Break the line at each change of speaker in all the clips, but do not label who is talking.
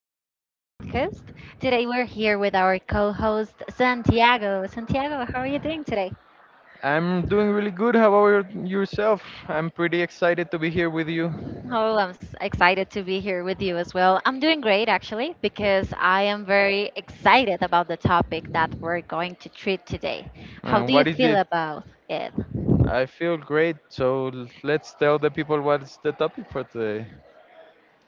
20s podcast. Today, we're here with our co host, Santiago. Santiago, how are you doing today?
I'm doing really good. How about yourself? I'm pretty excited to be here with you.
Oh, excited to be here with you as well. I'm doing great, actually, because I am very excited about the topic that we're going to treat today. How
And
do you
what is
feel
it?
about it?
I feel great. So let's tell the people what's the topic for today.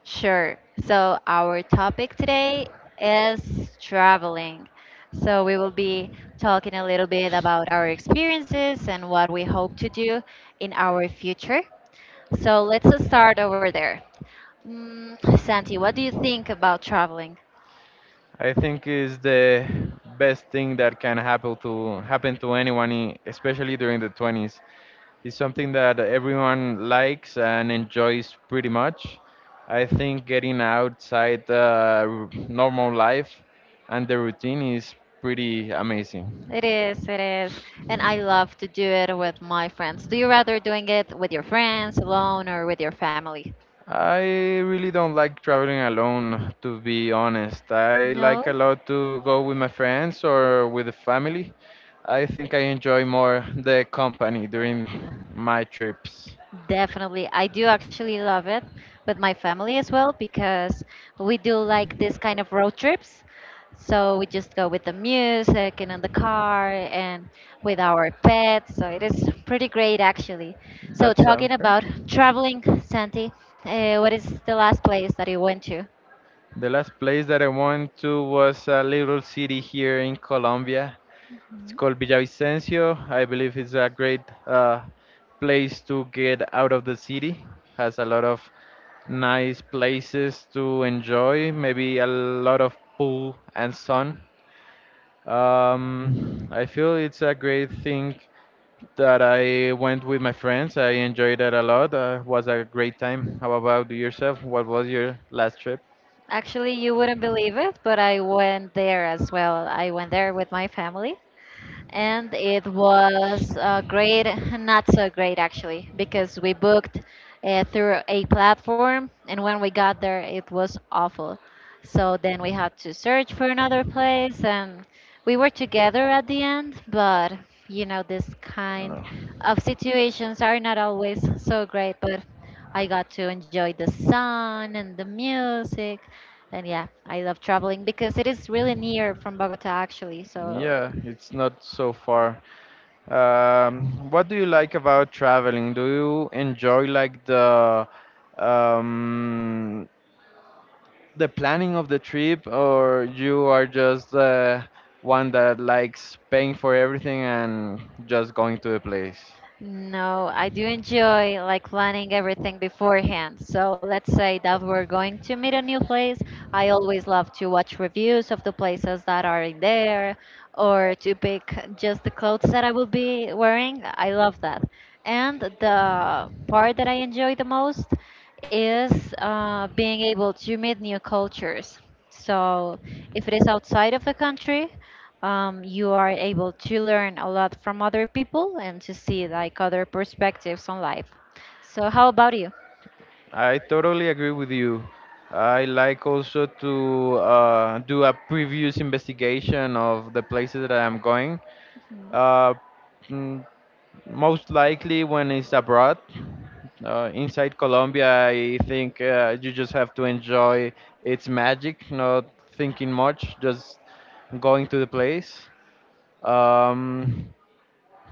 Sure. So our topic today is traveling. So we will be talking a little bit about our experiences and what we hope to do in our future. So let's just start over there. Santi, what do you think about traveling?
I think is the best thing that can happen to anyone, especially during the 20s. It's something that everyone likes and enjoys pretty much. I think getting outside normal life and the routine is pretty amazing.
It is, it is. And I love to do it with my friends. Do you rather doing it with your friends, alone, or with your family?
I really don't like traveling alone, to be honest. I
No?
like a lot to go with my friends or with the family. I think I enjoy more the company during my trips.
Definitely. I do actually love it with my family as well because we do like this kind of road trips. So we just go with the music and in the car and with our pets. So it is pretty great actually. So
That's
talking
okay.
about traveling, Santi, what is the last place that you went to?
The last place that I went to was a little city here in Colombia. It's called Villavicencio. I believe it's a great uh, place to get out of the city. Has a lot of nice places to enjoy, maybe a lot of pool and sun. I feel it's a great thing that I went with my friends. I enjoyed that a lot. Was a great time. How about yourself? What was your last trip?
Actually, you wouldn't believe it, but I went there as well. I went there with my family. And it was great, not so great actually, because we booked through a platform, and when we got there, it was awful. So then we had to search for another place, and we were together at the end, but you know, this kind of situations are not always so great, but I got to enjoy the sun and the music. And yeah, I love traveling because it is really near from Bogota actually. So
Yeah, it's not so far. What do you like about traveling? Do you enjoy like um, the planning of the trip, or you are just one that likes paying for everything and just going to the place?
no, I do enjoy like planning everything beforehand. So let's say that we're going to meet a new place. I always love to watch reviews of the places that are in there or to pick just the clothes that I will be wearing. I love that. And the part that I enjoy the most is being able to meet new cultures. So if it is outside of the country, you are able to learn a lot from other people and to see like other perspectives on life. So, how about you?
I totally agree with you. I like also to do a previous investigation of the places that I'm going. Uh, mm, Most likely when it's abroad. Inside Colombia, I think you just have to enjoy its magic, not thinking much, just going to the place. Um,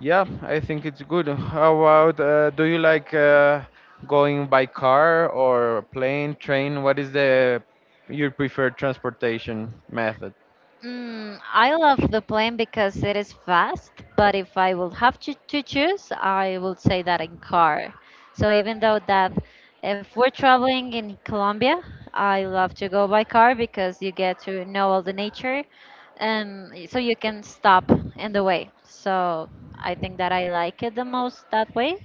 yeah, I think it's good. How about do you like going by car or plane, train? What is the your preferred transportation method?
I love the plane because it is fast, but if I will have to choose, I will say that in car. So even though that if we're traveling in Colombia, I love to go by car because you get to know all the nature and so you can stop in the way. So I think that I like it the most that way.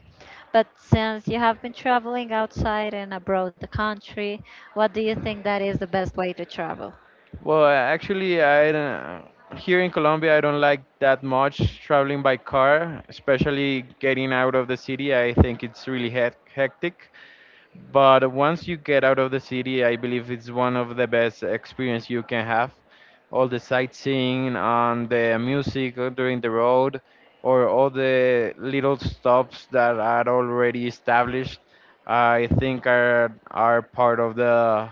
But since you have been traveling outside and abroad the country, what do you think that is the best way to travel?
Well, actually, I don't, here in Colombia, I don't like that much traveling by car, especially getting out of the city. I think it's really hectic. But once you get out of the city, I believe it's one of the best experience you can have. All the sightseeing and the music during the road, or all the little stops that are already established, I think are part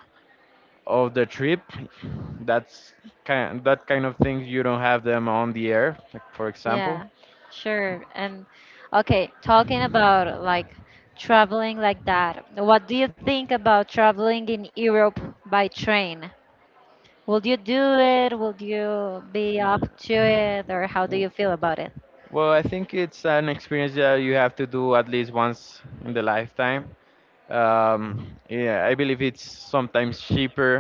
of the trip that's kind of things you don't have them on the air, like for example.
Yeah, sure. And okay, talking about like traveling like that, what do you think about traveling in Europe by train? Will you do it? Will you be up to it? Or how do
W-
you feel about it?
well, I think it's an experience that you have to do at least once in the lifetime. Yeah, I believe it's sometimes cheaper.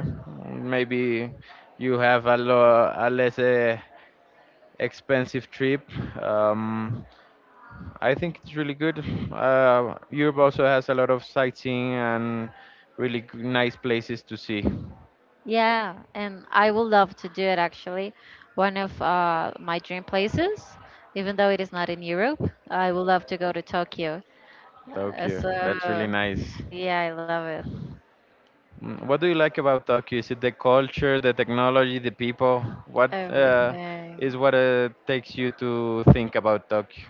Maybe you have a, a less expensive trip. um, I think it's really good. Europe also has a lot of sightseeing and really nice places to see.
Yeah, and I would love to do it actually. One of my dream places, even though it is not in Europe, I would love to go to Tokyo. Uh,
Tokyo.
so,
That's really nice.
yeah, I love it.
Mm, what do you like about Tokyo? Is it the culture, the technology, the people? What
Everything.
is what takes you to think about Tokyo?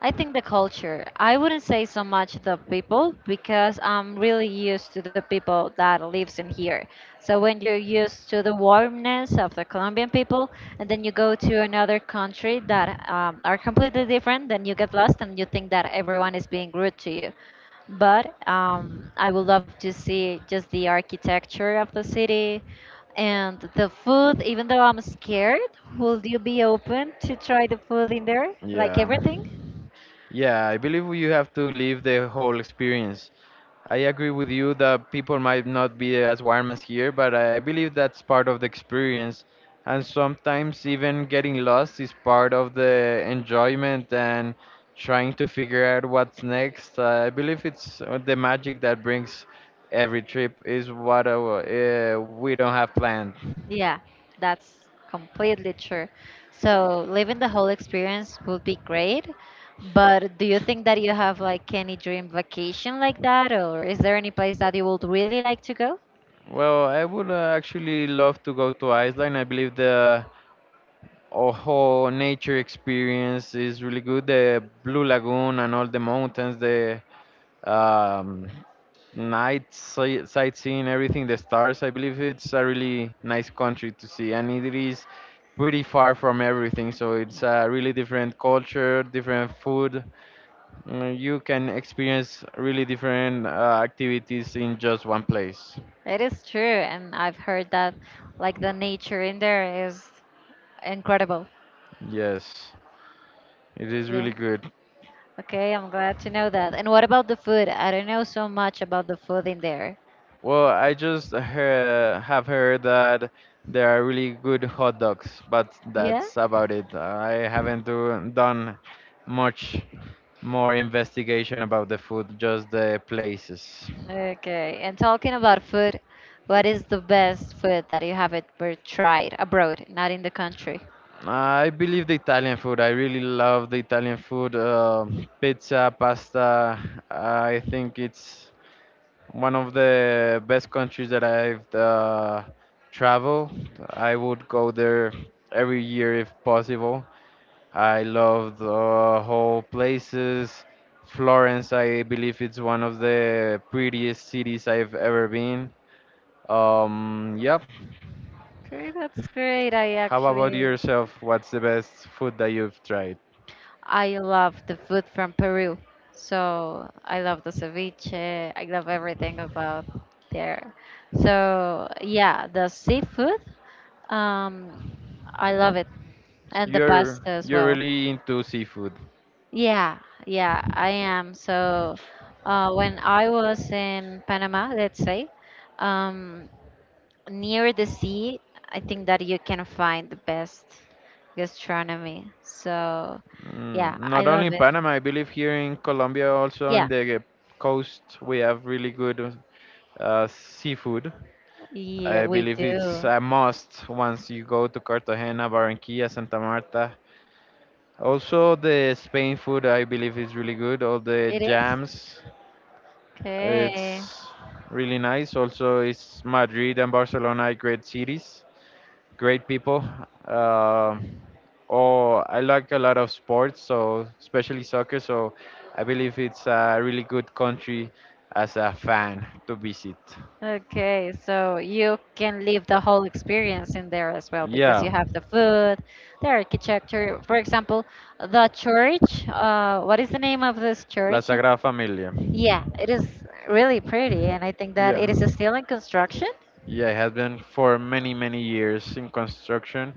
I think the culture. I wouldn't say so much the people because I'm really used to the people that lives in here. So when you're used to the warmness of the Colombian people, and then you go to another country that are completely different, then you get lost and you think that everyone is being rude to you. But I would love to see just the architecture of the city and the food. Even though I'm scared, will you be open to try the food in there, like
Yeah.
everything?
Yeah, I believe you have to live the whole experience. I agree with you that people might not be as warm as here, but I believe that's part of the experience. And sometimes even getting lost is part of the enjoyment and trying to figure out what's next. I believe it's the magic that brings every trip is what we don't have planned.
Yeah, that's completely true. So living the whole experience would be great, but do you think that you have like any dream vacation like that, or is there any place that you would really like to go?
Well, I would actually love to go to Iceland. I believe the whole nature experience is really good. The Blue Lagoon and all the mountains, the um, night sightseeing, everything, the stars. I believe it's a really nice country to see, and it is pretty far from everything. So it's a really different culture, different food. Mm, you can experience really different activities in just one place.
It is true, and I've heard that like the nature in there is incredible.
Yes, it is
Yeah.
really good.
Okay, I'm glad to know that. And what about the food? I don't know so much about the food in there.
Well, I just have heard that there are really good hot dogs, but
Yeah?
that's about it. I haven't done much more investigation about the food, just the places.
Okay, and talking about food, what is the best food that you have ever tried abroad, not in the country?
I believe the Italian food. I really love the Italian food. Um, pizza, pasta. I think it's one of the best countries that I've traveled. I would go there every year if possible. I love the whole places. Florence, I believe it's one of the prettiest cities I've ever been. Yep.
Okay, that's great.
How about yourself? What's the best food that you've tried?
I love the food from Peru. So I love the ceviche. I love everything about there. So yeah, the seafood, um, I love it, and the pasta
You're
as
you're
well.
really into seafood.
Yeah, yeah, I am. So, when I was in Panama, let's say, um, near the sea, I think that you can find the best gastronomy. So,
Mm,
yeah, I
not only
love
in
it.
Panama, I believe here in Colombia, also in
Yeah,
the coast, we have really good seafood.
yeah,
I
we
believe it's
do.
a must once you go to Cartagena, Barranquilla, Santa Marta. Also, the Spain food I believe is really good. All the
It is?
jams,
Okay.
it's really nice. Also, it's Madrid and Barcelona, are great cities, great people. Um oh, I like a lot of sports, so especially soccer. So, I believe it's a really good country as a fan to visit.
Okay, so you can live the whole experience in there as well because
Yeah,
you have the food, the architecture. For example, the church. What is the name of this
La
church?
Sagrada Familia.
Yeah, it is really pretty, and I think that
Yeah.
it is still in construction.
Yeah, it has been for many, many years in construction.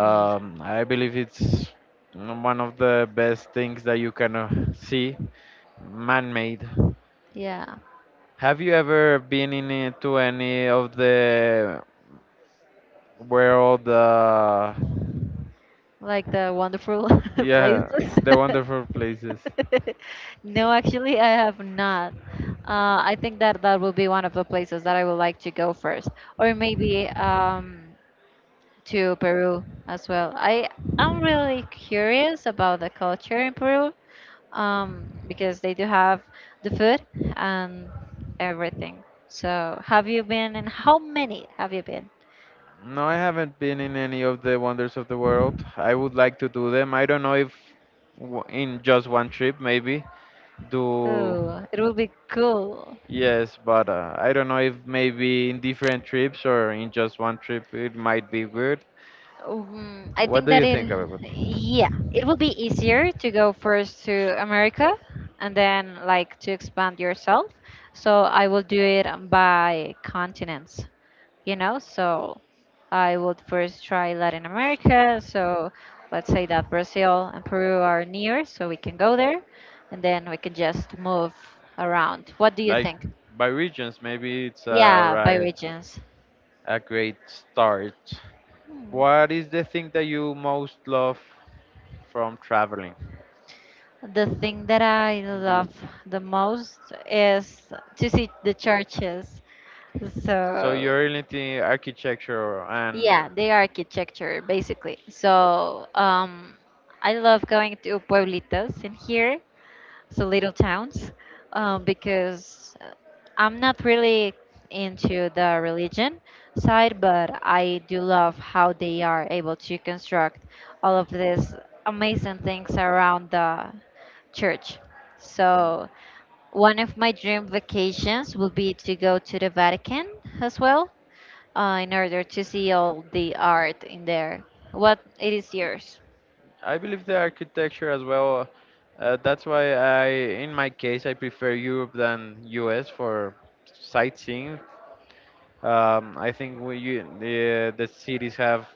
Y-
I believe it's one of the best things that you can see, man-made.
Yeah,
Have you ever been in it to any of the world?
like the wonderful
Yeah,
places.
the wonderful places.
No, actually, I have not. I think that that will be one of the places that I would like to go first, or maybe to Peru as well. I'm really curious about the culture in Peru, because they do have the food and everything. So, have you been and how many have you been?
No, I haven't been in any of the wonders of the world. I would like to do them. I don't know if in just one trip, maybe do.
Oh, it will be cool.
Yes, but I don't know if maybe in different trips or in just one trip it might be good.
I
What
think
do
that
you
it,
think about it?
yeah, it will be easier to go first to America and then like to expand yourself. So I will do it by continents. You know, so I would first try Latin America. So let's say that Brazil and Peru are near, so we can go there and then we can just move around. What do you
Like
think?
by regions, maybe it's a,
Yeah, by
right,
regions.
a great start.
Hmm.
What is the thing that you most love from traveling?
The thing that I
L-
love the most is to see the churches.
So
So
you're into architecture and
yeah, the architecture basically. So I love going to pueblitos in here, so little towns, because I'm not really into the religion side, but I do love how they are able to construct all of these amazing things around the church. So one of my dream vacations will be to go to the Vatican as well, in order to see all the art in there. What it is yours?
I believe the architecture as well. Uh, that's why I, in my case, I prefer Europe than US for sightseeing. I think the cities have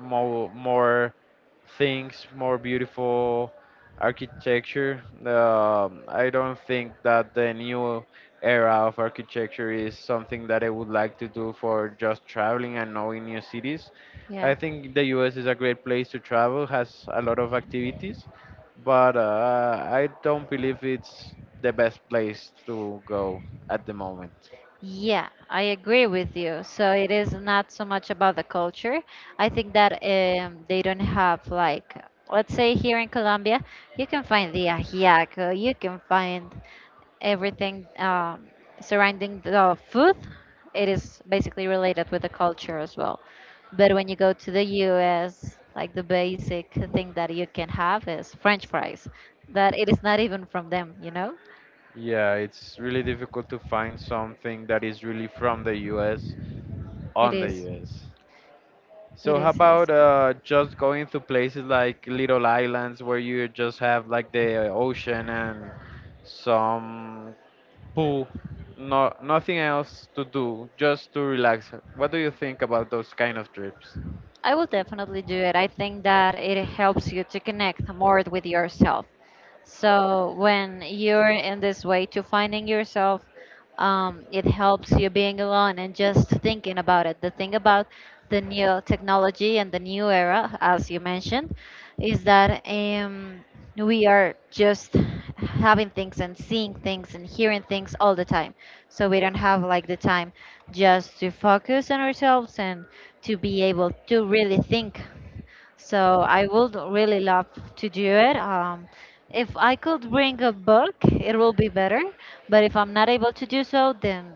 more things, more beautiful architecture. I don't think that the new era of architecture is something that I would like to do for just traveling and knowing new cities. I
Yeah.
think the U.S. is a great place to travel, has a lot of activities, but I don't believe it's the best place to go at the moment.
Yeah, I agree with you. So it is not so much about the culture. I think that they don't have like, let's say here in Colombia, you can find the ajiaco, you can find everything surrounding the food. It is basically related with the culture as well. But when you go to the US, like the basic thing that you can have is French fries. That it is not even from them, you know?
Yeah, it's really difficult to find something that is really from the US
It
on the
is.
US.
It
So how
is. It is.
about just going to places like little islands where you just have like the ocean and some pool, no nothing else to do, just to relax. What do you think about those kind of trips?
I will definitely do it. I think that it helps you to connect more with yourself. So when you're in this way to finding yourself, it helps you being alone and just thinking about it. The thing about the new technology and the new era, as you mentioned, is that we are just having things and seeing things and hearing things all the time. So we don't have like the time just to focus on ourselves and to be able to really think. So I would really love to do it. If I could bring a book, it will be better. But if I'm not able to do so, then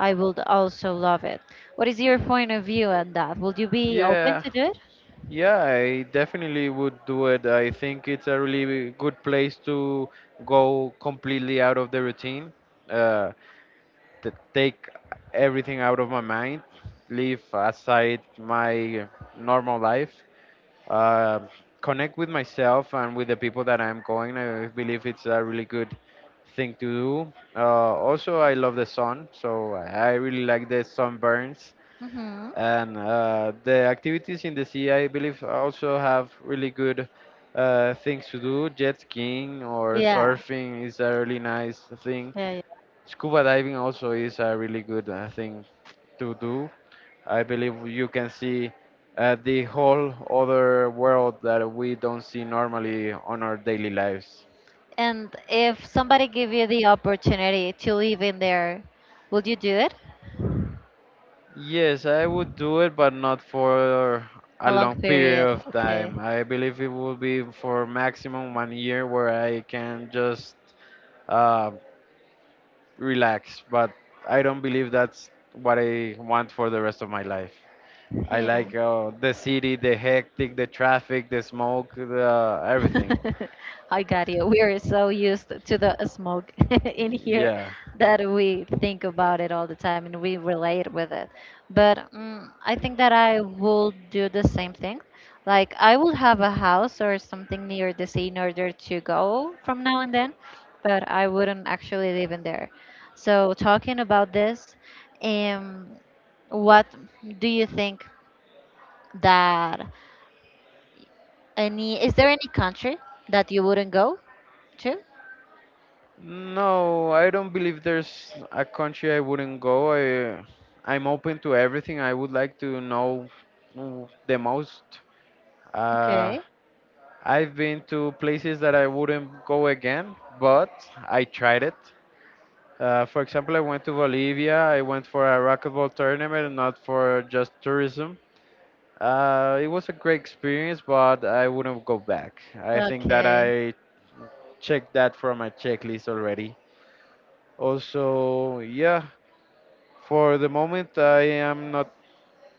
I would also love it. What is your point of view on that? Would you be open
Yeah,
to do it?
yeah, I definitely would do it. I think it's a really good place to go completely out of the routine. Uh, Take everything out of my mind, leave aside my normal life, uh, connect with myself and with the people that I'm going. I believe it's a really good thing to do. Also, I love the sun, so I really like the sunburns
Mm-hmm.
and the activities in the sea. I believe also have really good things to do, jet skiing or
Yeah.
surfing is a really nice thing,
Yeah, yeah.
scuba diving also is a really good thing to do. I believe you can see the whole other world that we don't see normally on our daily lives.
And if somebody give you the opportunity to live in there, would you do it?
Yes, I would do it, but not for a
A long
long period
period.
of time.
Okay.
I believe it would be for maximum one year where I can just uh, relax. But I don't believe that's what I want for the rest of my life. I
Yeah.
like the city, the hectic, the traffic, the smoke, the everything.
I got you. We are so used to the smoke in here
Yeah.
that we think about it all the time and we relate with it. But I think that I will do the same thing. Like I will have a house or something near the sea in order to go from now and then, but I wouldn't actually live in there. So talking about this, um, what do you think that any is there any country that you wouldn't go to?
No, I don't believe there's a country I wouldn't go. I'm open to everything. I would like to know mm, the most. Uh,
Okay,
I've been to places that I wouldn't go again, but I tried it. For example, I went to Bolivia. I went for a racquetball tournament, not for just tourism. It was a great experience, but I wouldn't go back. I think that
okay,
I checked that from my checklist already. Also, yeah, for the moment, I am not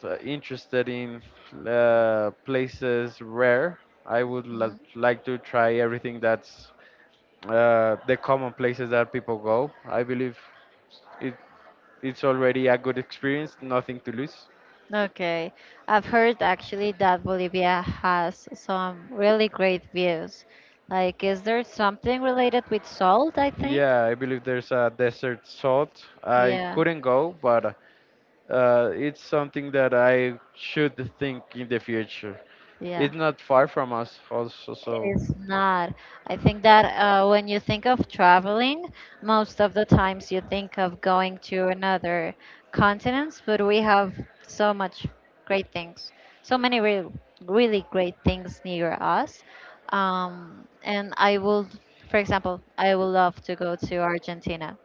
interested in places rare. I would
mm,
like to try everything that's the common places that people go. I believe it, it's already a good experience, nothing to lose.
okay. I've heard actually that Bolivia has some really great views. Like, is there something related with salt, I think?
Yeah, I believe there's a desert salt. I
Yeah,
couldn't go, but it's something that I should think in the future.
yeah.
It's not far from us, also,
It
so.
is not. I think that when you think of traveling, most of the times you think of going to another continent, but we have so much great things, so many real, really great things near us. Um, and I will, for example, I would love to go to Argentina.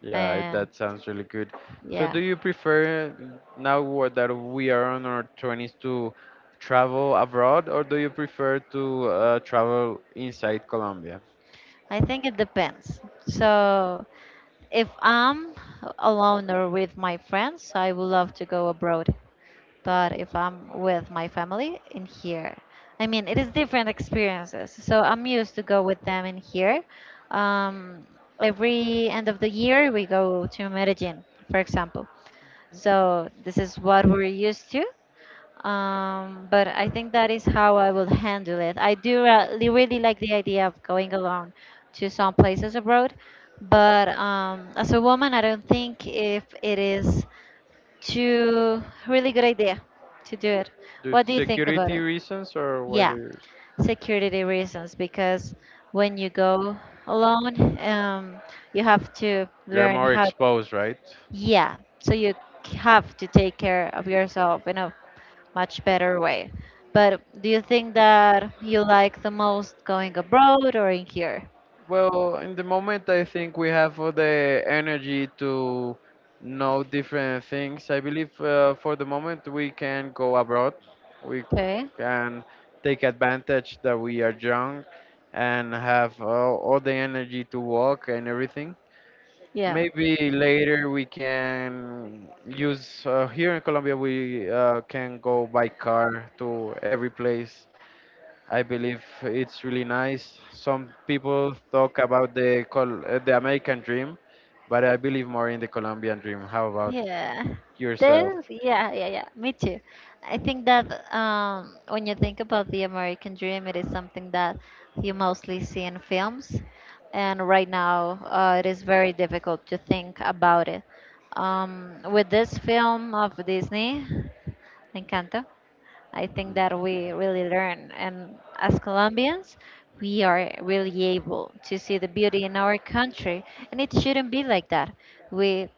Yeah, it-
And
that sounds really good. So,
yeah,
do you prefer now that we are on our 20s to travel abroad, or do you prefer to travel inside Colombia?
I think it depends. So if I'm alone or with my friends, I would love to go abroad. But if I'm with my family in here, I mean, it is different experiences. So I'm used to go with them in here. Um, every end of the year, we go to Medellin, for example. So this is what we're used to. But I think that is how I will handle it. I do really, really like the idea of going alone to some places abroad, but as a woman, I don't think if it is to really good idea to do it.
Do
What do you think about
security
it?
reasons, or why
Yeah,
do you?
security reasons because when you go alone, you have to
You're
learn
more
how.
exposed, right?
Yeah, so you have to take care of yourself in a much better way. But do you think that you like the most going abroad or in here?
Well, in the moment, I think we have all the energy to know different things. I believe for the moment we can go abroad. We
Okay.
and take advantage that we are young and have all the energy to walk and everything.
Yeah.
Maybe later we can use here in Colombia we can go by car to every place. I believe it's really nice. Some people talk about the the American dream, but I believe more in the Colombian dream. How about
Yeah.
yourself?
This, yeah, yeah, yeah. Me too. I think that when you think about the American dream, it is something that you mostly see in films. And right now, it is very difficult to think about it. With this film of Disney, Encanto, I think that we really learn. And as Colombians, we are really able to see the beauty in our country. And it shouldn't be like that. We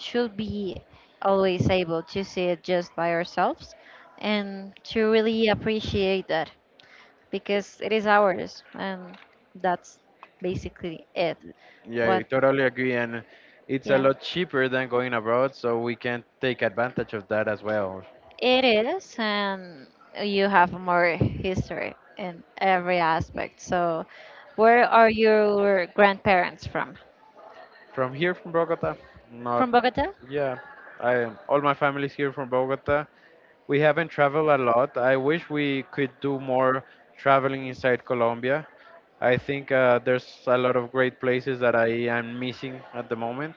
should be always able to see it just by ourselves and to really appreciate that because it is ours. And that's basically it.
Yeah, I
What?
totally agree. And it's a
Yeah.
lot cheaper than going abroad, so we can take advantage of that as well.
It is, and you have more history in every aspect. So, where are your grandparents from?
From here, from Bogota, not,
From Bogota?
yeah. I, all my family's here from Bogota. We haven't traveled a lot. I wish we could do more traveling inside Colombia. I think there's a lot of great places that I am missing at the moment.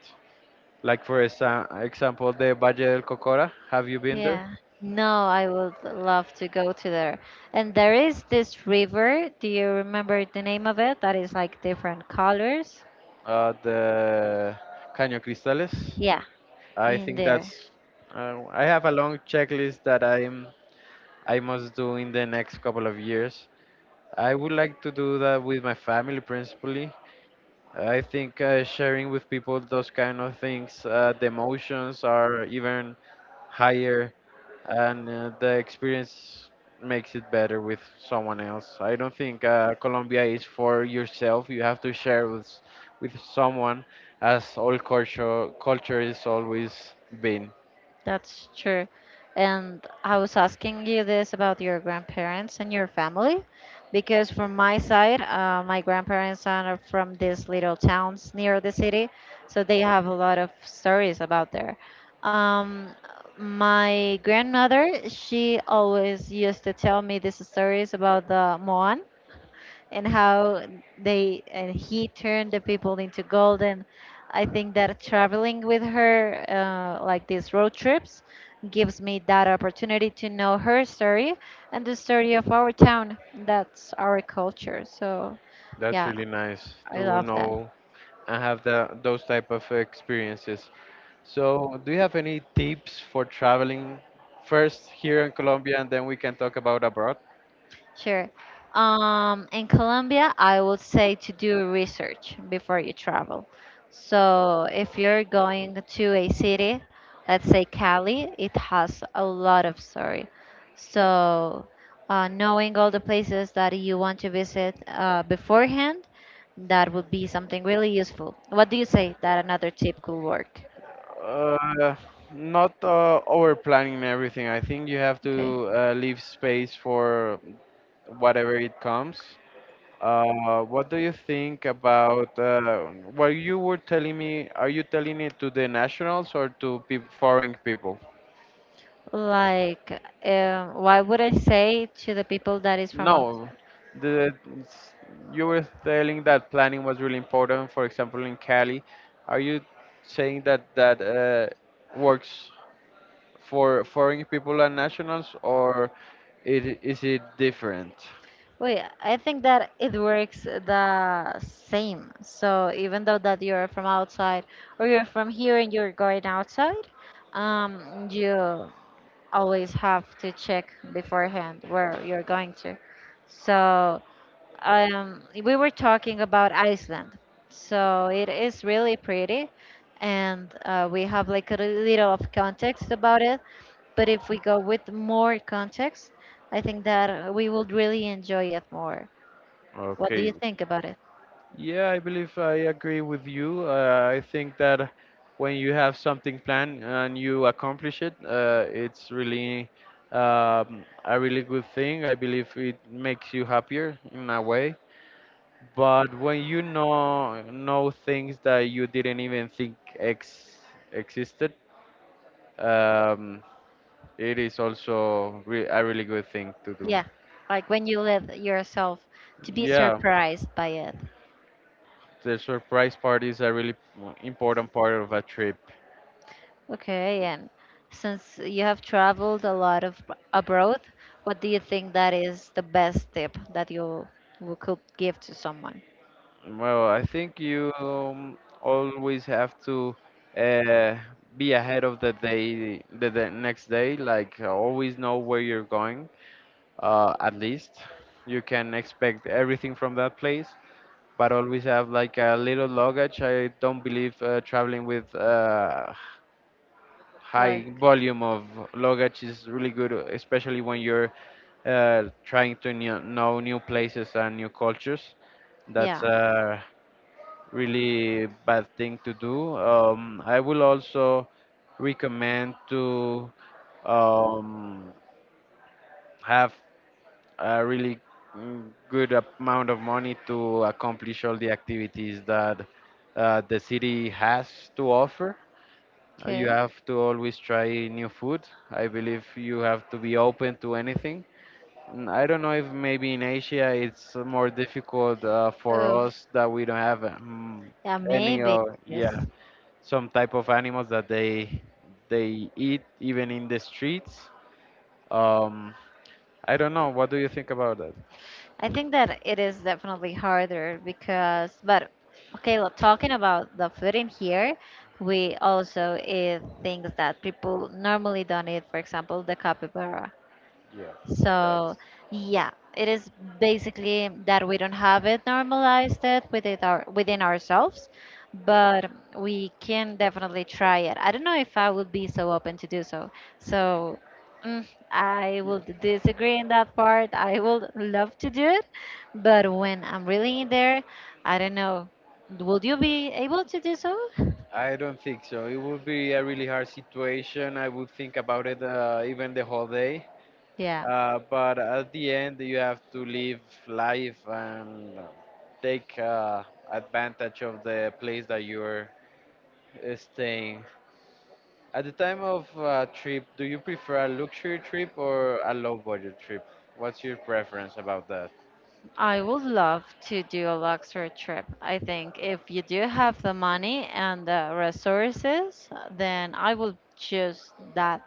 Like, for example, the Valle del Cocora. Have you been there?
Yeah. No, I would love to go to there. And there is this river. Do you remember the name of it? That is like different colors.
The Caño Cristales.
Yeah,
I
in
think
there.
that's. I have a long checklist that I must do in the next couple of years. I would like to do that with my family principally. I think sharing with people those kind of things, the emotions are even higher, and the experience makes it better with someone else. I don't think Colombia is for yourself. You have to share with someone, as all culture is always been.
That's true. And I was asking you this about your grandparents and your family, because from my side, my grandparents are from these little towns near the city, so they have a lot of stories about there. Um, my grandmother, she always used to tell me these stories about the Moan and how they and he turned the people into golden. I think that traveling with her, like these road trips, gives me that opportunity to know her story and the story of our town. That's our culture. So,
That's
yeah,
really nice
I
to
love that.
know and have those type of experiences. So, do you have any tips for traveling first here in Colombia and then we can talk about abroad?
Sure. In Colombia, I would say to do research before you travel. So if you're going to a city, let's say Cali, it has a lot of story. So knowing all the places that you want to visit beforehand, that would be something really useful. What do you say that another tip could work?
Uh, not over planning everything. I think you have
Okay.
to leave space for whatever it comes. What do you think about what you were telling me? Are you telling it to the nationals or to peop foreign people?
Like, why would I say to the people that is from
No,
outside?
the s- you were telling that planning was really important. For example, in Cali, are you saying that works for foreign people and nationals, or it is it different?
Wait, I think that it works the same. So even though that you're from outside or you're from here and you're going outside, you always have to check beforehand where you're going to. So we were talking about Iceland. So it is really pretty, and we have like a little of context about it. But if we go with more context, I think that we would really enjoy it more. What do
Okay.
you think about it?
Yeah, I believe I agree with you. I think that when you have something planned and you accomplish it, it's really a really good thing. I believe it makes you happier in a way. But when you know things that you didn't even think ex existed, um, it is also re a really good thing to do.
Yeah, like when you let yourself to be
Yeah,
surprised by it.
the surprise party is a really important part of a trip.
Okay, and since you have traveled a lot of abroad, what do you think that is the best tip that you could give to someone?
Well, I think you always have to uh, be ahead of the day, the next day. Like always know where you're going. At least you can expect everything from that place. But always have like a little luggage. I don't believe traveling with high
Like,
volume of luggage is really good, especially when you're trying to know new places and new cultures. That's
yeah.
a really bad thing to do. I will also recommend to um, have a really good amount of money to accomplish all the activities that the city has to offer. You
Okay.
have to always try new food. I believe you have to be open to anything. I don't know if maybe in Asia it's more difficult for
Oof.
us that we don't have
Yeah,
any
maybe.
or yeah
Yes.
some type of animals that they eat even in the streets. Um, I don't know. What do you think about that?
I think that it is definitely harder because, but okay, look, talking about the food in here, we also eat things that people normally don't eat. For example, the capybara.
Yeah.
So
That's.
yeah, it is basically that we don't have it normalized it within ourselves, but we can definitely try it. I don't know if I would be so open to do so. So mm, I
Yeah.
will disagree in that part. I would love to do it, but when I'm really in there, I don't know. Would you be able to do so?
I don't think so. It would be a really hard situation. I would think about it even the whole day.
Yeah.
But at the end, you have to live life and take advantage of the place that you're staying. At the time of trip, do you prefer a luxury trip or a low budget trip? What's your preference about that?
I would love to do a luxury trip. I think if you do have the money and the resources, then I would choose that.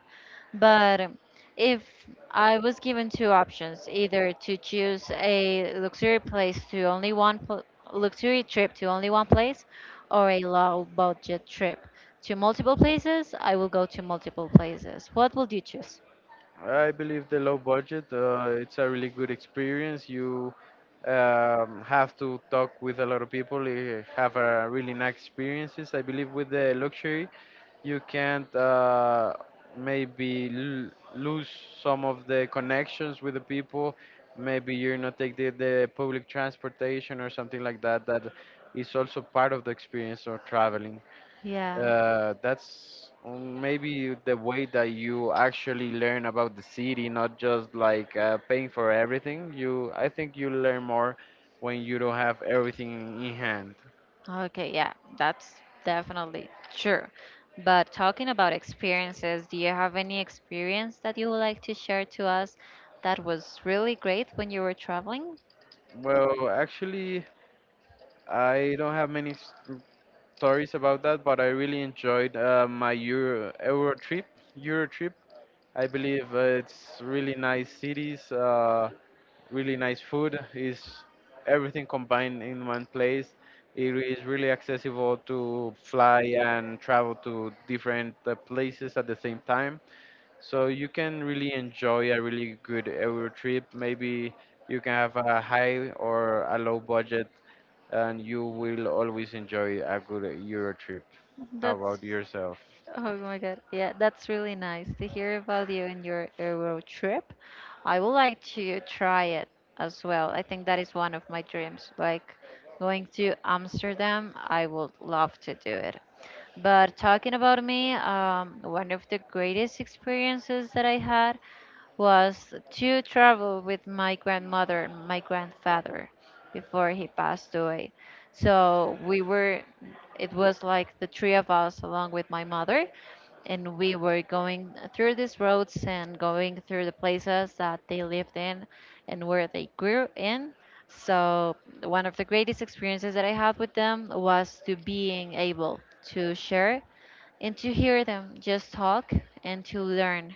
But if I was given two options, either to choose a luxury place to only one pl- luxury trip to only one place or a low budget trip to multiple places, I will go to multiple places. What would you choose?
I believe the low budget, it's a really good experience. You have to talk with a lot of people, you have a really nice experiences. I believe with the luxury, you can't maybe lose some of the connections with the people. Maybe you're not take the public transportation or something like that. That is also part of the experience of traveling.
Yeah.
That's maybe the way that you actually learn about the city, not just like paying for everything. You, I think you learn more when you don't have everything in hand.
Okay, yeah, that's definitely true. But talking about experiences, do you have any experience that you would like to share to us that was really great when you were traveling?
Well, actually, I don't have many stories about that, but I really enjoyed Euro trip. Euro trip. I believe it's really nice cities, really nice food. Is everything combined in one place. It is really accessible to fly and travel to different places at the same time. So you can really enjoy a really good Euro trip. Maybe you can have a high or a low budget and you will always enjoy a good Euro trip. How
That's,
about yourself?
oh my God, yeah, that's really nice to hear about you and your Euro trip. I would like to try it as well. I think that is one of my dreams. Like going to Amsterdam, I would love to do it. But talking about me, one of the greatest experiences that I had was to travel with my grandmother and my grandfather before he passed away. So we were, it was like the three of us along with my mother, and we were going through these roads and going through the places that they lived in and where they grew in. So one of the greatest experiences that I had with them was to being able to share and to hear them just talk and to learn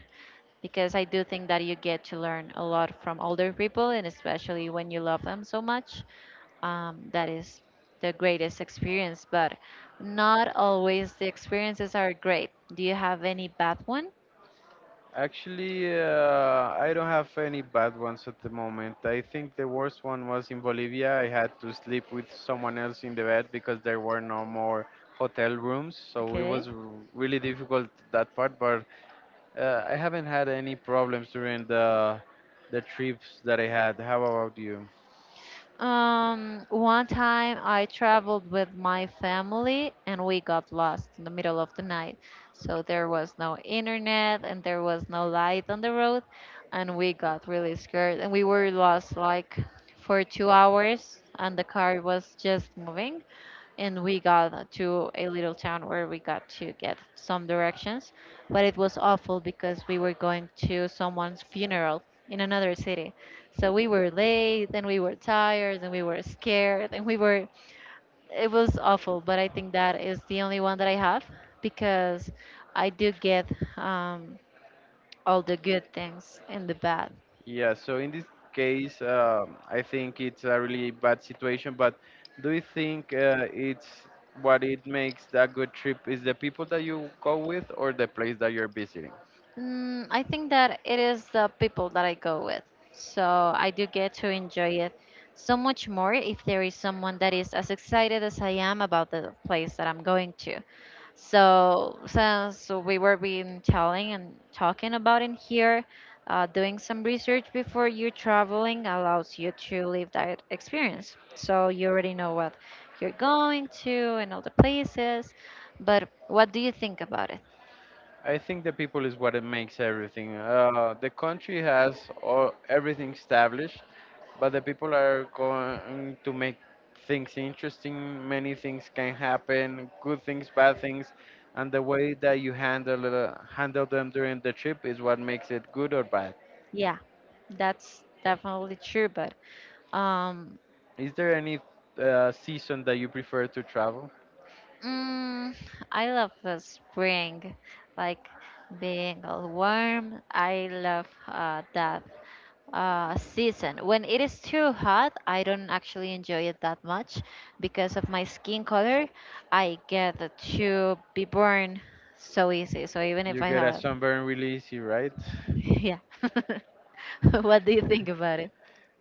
because I do think that you get to learn a lot from older people, and especially when you love them so much. That is the greatest experience, but not always the experiences are great. Do you have any bad one?
Actually, I don't have any bad ones at the moment. I think the worst one was in Bolivia. I had to sleep with someone else in the bed because there were no more hotel rooms, so it
Okay.
was really difficult that part. But I haven't had any problems during the trips that I had. How about you?
One time I traveled with my family and we got lost in the middle of the night. So there was no internet and there was no light on the road, and we got really scared and we were lost like for 2 hours and the car was just moving and we got to a little town where we got to get some directions, but it was awful because we were going to someone's funeral in another city. So we were late and we were tired and we were scared and we were, it was awful, but I think that is the only one that I have because I do get um, all the good things and the bad.
Yeah, so in this case, I think it's a really bad situation, but do you think it's what it makes that good trip is the people that you go with or the place that you're visiting?
Mm, I think that it is the people that I go with. So I do get to enjoy it so much more if there is someone that is as excited as I am about the place that I'm going to. So since we were been telling and talking about in here, doing some research before you traveling allows you to live that experience. So you already know what you're going to and all the places. But what do you think about it?
I think the people is what it makes everything. The country has all, everything established, but the people are going to make things interesting. Many things can happen, good things, bad things, and the way that you handle them during the trip is what makes it good or bad.
Yeah, that's definitely true. But um,
Is there any season that you prefer to travel?
mm, I love the spring, like being all warm. I love that season. When it is too hot, I don't actually enjoy it that much because of my skin color. I get to be burned so easy. So even if
You
I
get a
have,
sunburn really easy, right?
yeah. What do you think about it?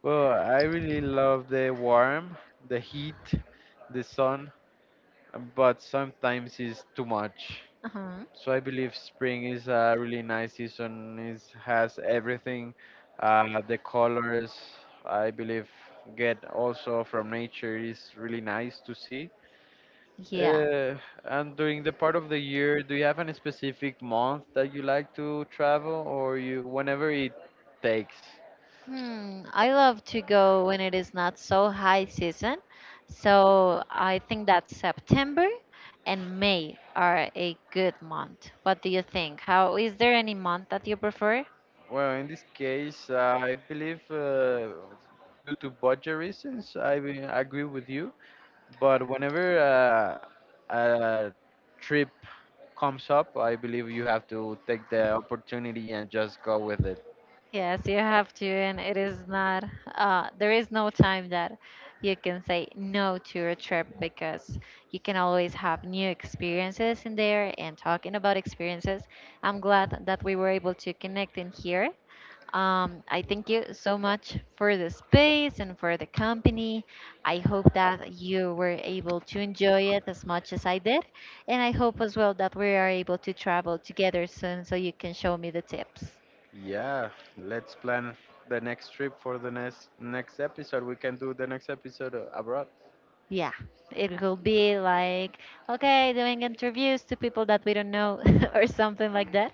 Well, I really love the warm, the heat, the sun, but sometimes it's too much.
Uh-huh.
So I believe spring is a really nice season. It has everything, the colors. I believe get also from nature is really nice to see.
Yeah.
Uh, and during the part of the year, do you have any specific month that you like to travel, or you whenever it takes?
Hmm, I love to go when it is not so high season. So I think that September and May are a good month. What do you think? How is there any month that you prefer?
Well, in this case, I believe due to budget reasons, I will agree with you. But whenever a trip comes up, I believe you have to take the opportunity and just go with it.
Yes, you have to, and it is not, there is no time that you can say no to your trip because you can always have new experiences in there. And talking about experiences, I'm glad that we were able to connect in here. I thank you so much for the space and for the company. I hope that you were able to enjoy it as much as I did. And I hope as well that we are able to travel together soon so you can show me the tips.
Yeah, let's plan the next trip for the next episode. We can do the next episode abroad.
Yeah, it could be like, okay, doing interviews to people that we don't know or something like that.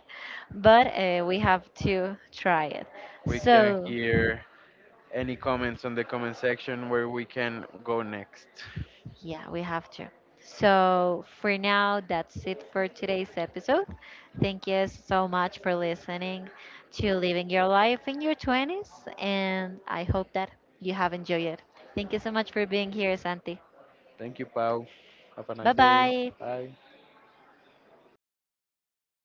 But we have to try it.
We can
So,
hear any comments on the comment section where we can go next.
yeah, we have to. So, for now, that's it for today's episode. Thank you so much for listening to Living Your Life in Your 20s. And I hope that you have enjoyed it. Thank you so much for being here, Santi.
Thank you, Pau. Have a
Bye
nice day.
bye.
Bye.